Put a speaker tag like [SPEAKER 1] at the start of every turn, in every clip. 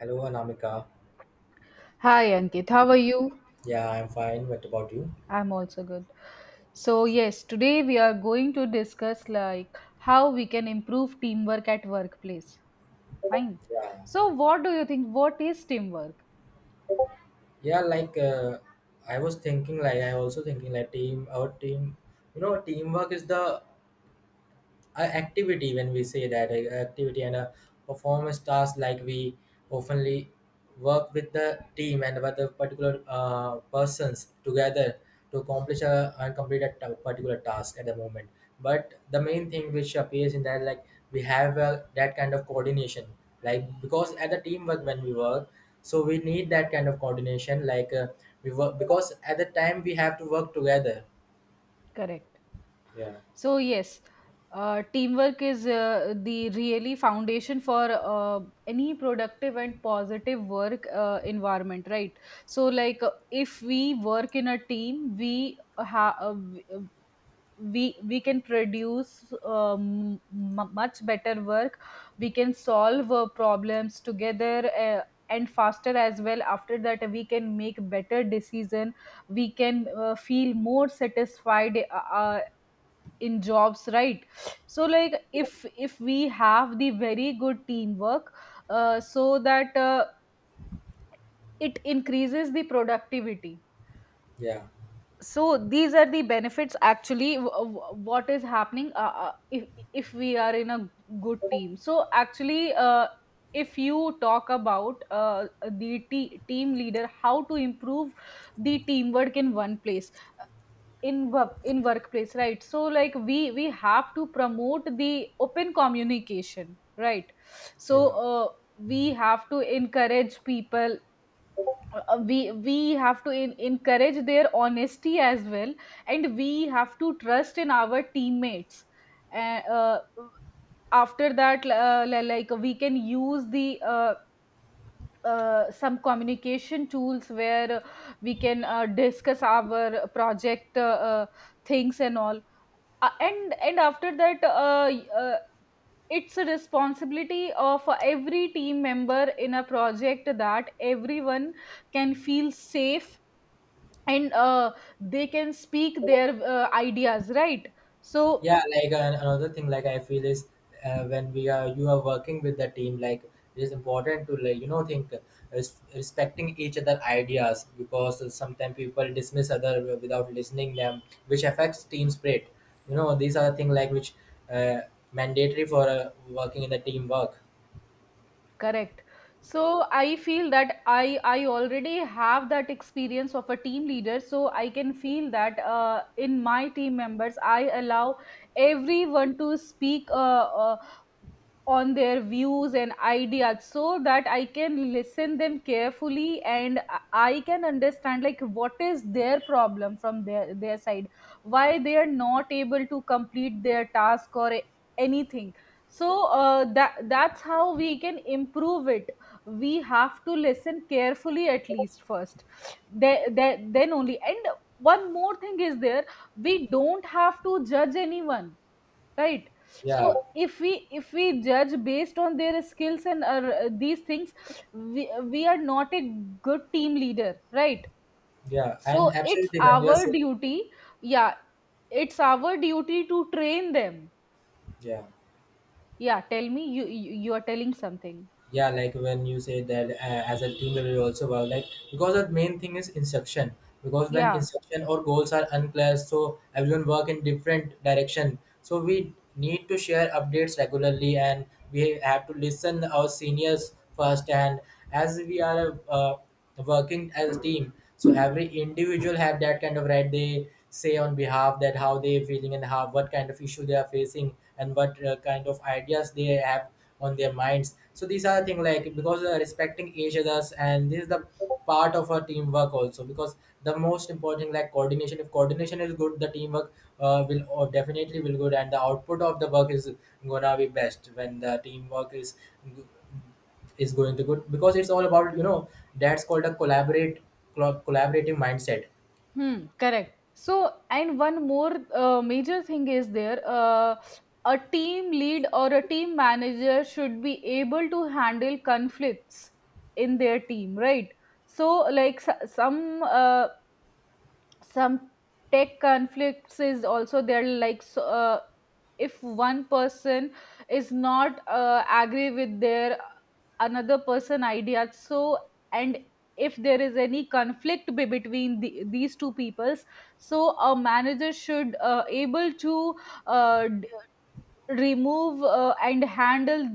[SPEAKER 1] Hello, Anamika.
[SPEAKER 2] Hi Ankit, how are you?
[SPEAKER 1] Yeah, I'm fine. What about you?
[SPEAKER 2] I'm also good. So, yes, today we are going to discuss how we can improve teamwork at workplace. Fine.
[SPEAKER 1] Yeah,
[SPEAKER 2] So, what do you think? What is teamwork?
[SPEAKER 1] yeah. Like I was thinking, like I also thinking, like team, our team. You know, teamwork is the a activity when we say that a activity and a performance task like we oftenly work with the team and with the particular persons together to accomplish a and complete a particular task at the moment, but the main thing which appears in that like we have that kind of coordination, like because at the teamwork when we work so we need that kind of coordination like we work because at the time we have to work together.
[SPEAKER 2] Correct.
[SPEAKER 1] Yeah,
[SPEAKER 2] So, yes, teamwork is the really foundation for any productive and positive work environment, right? So, if we work in a team, we can produce much better work. We can solve problems together, and faster as well. After that we can make better decision. We can feel more satisfied uh, in jobs, right? So, if we have the very good teamwork, so that it increases the productivity.
[SPEAKER 1] yeah,
[SPEAKER 2] So these are the benefits. Actually, what is happening if we are in a good team? So actually, if you talk about, the team leader, how to improve the teamwork in one place, in work, in workplace, right? So, we have to promote the open communication, right? So,
[SPEAKER 1] yeah.
[SPEAKER 2] we have to encourage people. We have to encourage their honesty as well, and we have to trust in our teammates. uh, uh, after that, like we can use the some communication tools where we can discuss our project, uh, things and all. And after that, it's a responsibility of every team member in a project that everyone can feel safe, and they can speak their ideas, right? So,
[SPEAKER 1] Yeah, like another thing, like I feel is when we are you are working with the team, like it is important to like you know think respecting each other ideas, because sometimes people dismiss other without listening them, which affects team spirit. You know, these are the thing like which uh, mandatory for working in the teamwork.
[SPEAKER 2] correct. So I feel that I already have that experience of a team leader, so I can feel that, in my team members, I allow everyone to speak, uh, on their views and ideas, so that I can listen them carefully, and I can understand like what is their problem from their side, why they are not able to complete their task or anything. So, that's how we can improve it. We have to listen carefully at least first. Then only. And one more thing is there: we don't have to judge anyone, right? So
[SPEAKER 1] Yeah,
[SPEAKER 2] if we, if we judge based on their skills and these things, we are not a good team leader, right?
[SPEAKER 1] yeah,
[SPEAKER 2] So
[SPEAKER 1] and
[SPEAKER 2] it's
[SPEAKER 1] absolutely when you are
[SPEAKER 2] our
[SPEAKER 1] saying
[SPEAKER 2] duty. Yeah, it's our duty to train them.
[SPEAKER 1] yeah,
[SPEAKER 2] Yeah, tell me, you are telling something.
[SPEAKER 1] yeah, like when you say that as a team we will also work like, because the main thing is instruction. Because when
[SPEAKER 2] Yeah.
[SPEAKER 1] instruction or goals are unclear, so everyone work in different direction, so we need to share updates regularly, and we have to listen our seniors first. And as we are working as a team, so every individual have that kind of right they say on behalf that how they feeling and how what kind of issue they are facing and what kind of ideas they have on their minds. So these are the thing, like because respecting each others, and this is the part of a teamwork also, because the most important thing, like coordination, if coordination is good the teamwork will or definitely will good, and the output of the work is gonna be best when the teamwork is going to good, because it's all about you know that's called a collaborative mindset.
[SPEAKER 2] Hmm, correct. So, and one more major thing is there. A team lead or a team manager should be able to handle conflicts in their team, right? So, like, some tech conflicts is also there. Like so, if one person is not agree with their another person idea, so, and if there is any conflict between these two peoples, so a manager should able to uh, d- remove and handle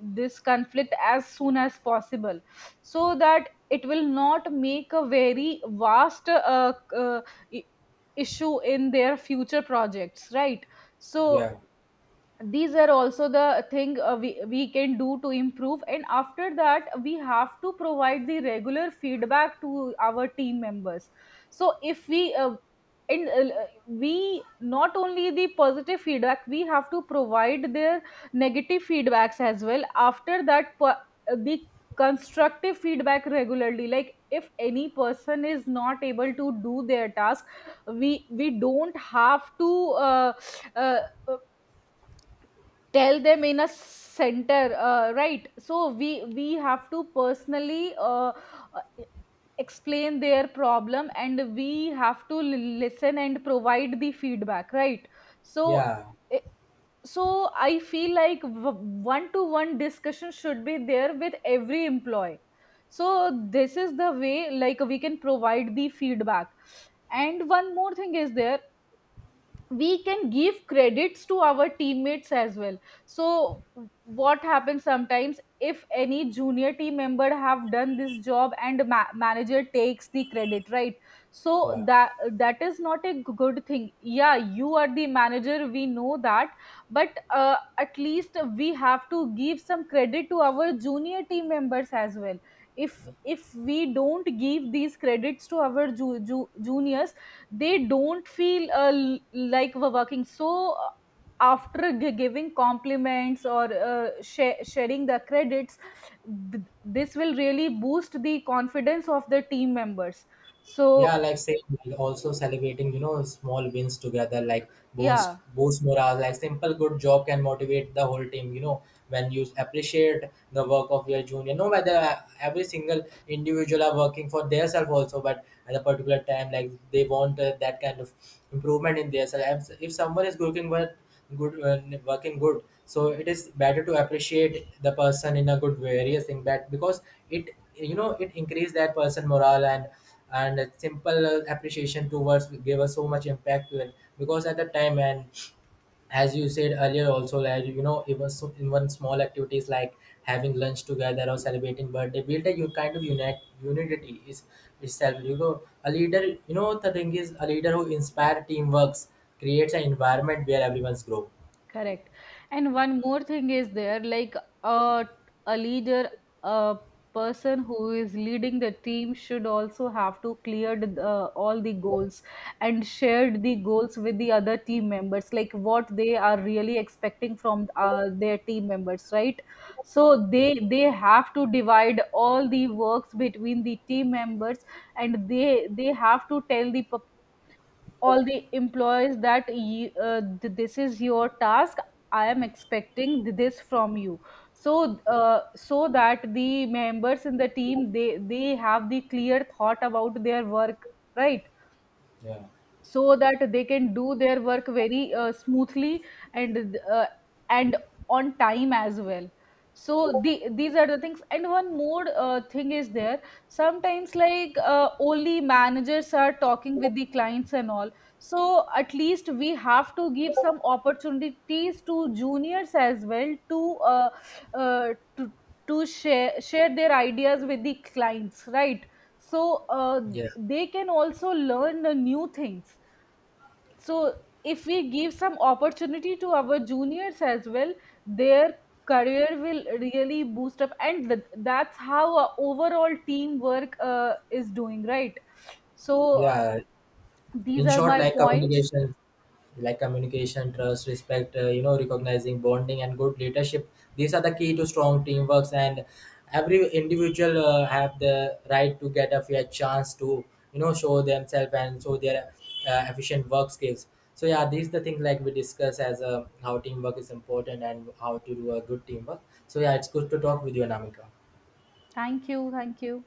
[SPEAKER 2] this conflict as soon as possible, so that it will not make a very vast i- issue in their future projects, right? So
[SPEAKER 1] Yeah,
[SPEAKER 2] these are also the thing, we can do to improve. And after that, we have to provide the regular feedback to our team members. So if we and we, not only the positive feedback, we have to provide their negative feedbacks as well. After that, the constructive feedback regularly, like if any person is not able to do their task, we don't have to uh, tell them in a center, right? So we have to personally uh, explain their problem, and we have to listen and provide the feedback, right? So,
[SPEAKER 1] yeah,
[SPEAKER 2] eh, so I feel like one to one discussion should be there with every employee. So this is the way like we can provide the feedback. And one more thing is there: we can give credits to our teammates as well. So what happens sometimes, if any junior team member have done this job, and manager takes the credit, right? So
[SPEAKER 1] yeah,
[SPEAKER 2] that, that is not a good thing. Yeah, you are the manager, we know that, but at least we have to give some credit to our junior team members as well. If we don't give these credits to our juniors, they don't feel like we're working. So after giving compliments or sharing the credits, this will really boost the confidence of the team members.
[SPEAKER 1] yeah.
[SPEAKER 2] So,
[SPEAKER 1] Like say also celebrating, you know, small wins together, like boost
[SPEAKER 2] yeah.
[SPEAKER 1] boost morale. Like simple good job can motivate the whole team. You know, when you appreciate the work of your junior, no matter every single individual are working for themselves also, but at a particular time, like they want that kind of improvement in themselves. If someone is working well, good working good, so it is better to appreciate the person in a good various thing, that because it you know it increase that person morale, and a simple appreciation towards gave us so much impact to it, because at the time, and as you said earlier also, like you know, even so even small activities like having lunch together or celebrating birthday build a you kind of unity is itself. You know, a leader, you know, the thing is, a leader who inspire teamworks creates an environment where everyone's grow.
[SPEAKER 2] Correct. And one more thing is there, like, uh, a leader, a person who is leading the team should also have to clear all the goals and shared the goals with the other team members, like what they are really expecting from their team members, right? So
[SPEAKER 1] Yeah,
[SPEAKER 2] they have to divide all the works between the team members, and they have to tell the all the employees that, this is your task, I am expecting this from you. So, uh, so that the members in the team, they have the clear thought about their work, right?
[SPEAKER 1] yeah,
[SPEAKER 2] So that they can do their work very smoothly, and and on time as well. So these are the things. And one more thing is there: sometimes, like, only managers are talking with the clients and all. So at least we have to give some opportunities to juniors as well, to uh, to, to share their ideas with the clients, right? So
[SPEAKER 1] yeah,
[SPEAKER 2] they can also learn new things. So if we give some opportunity to our juniors as well, their career will really boost up, and that's how our overall teamwork is doing, right? So
[SPEAKER 1] yeah.
[SPEAKER 2] these
[SPEAKER 1] In
[SPEAKER 2] are
[SPEAKER 1] short,
[SPEAKER 2] my
[SPEAKER 1] like
[SPEAKER 2] points.
[SPEAKER 1] communication, like communication, trust, respect, you know, recognizing, bonding, and good leadership, these are the key to strong teamworks. And every individual have the right to get a fair chance to, you know, show themselves and show their efficient work skills. So yeah, these the things like we discuss as how teamwork is important and how to do a good teamwork. So yeah, it's good to talk with you, Anamika.
[SPEAKER 2] Thank you. Thank you.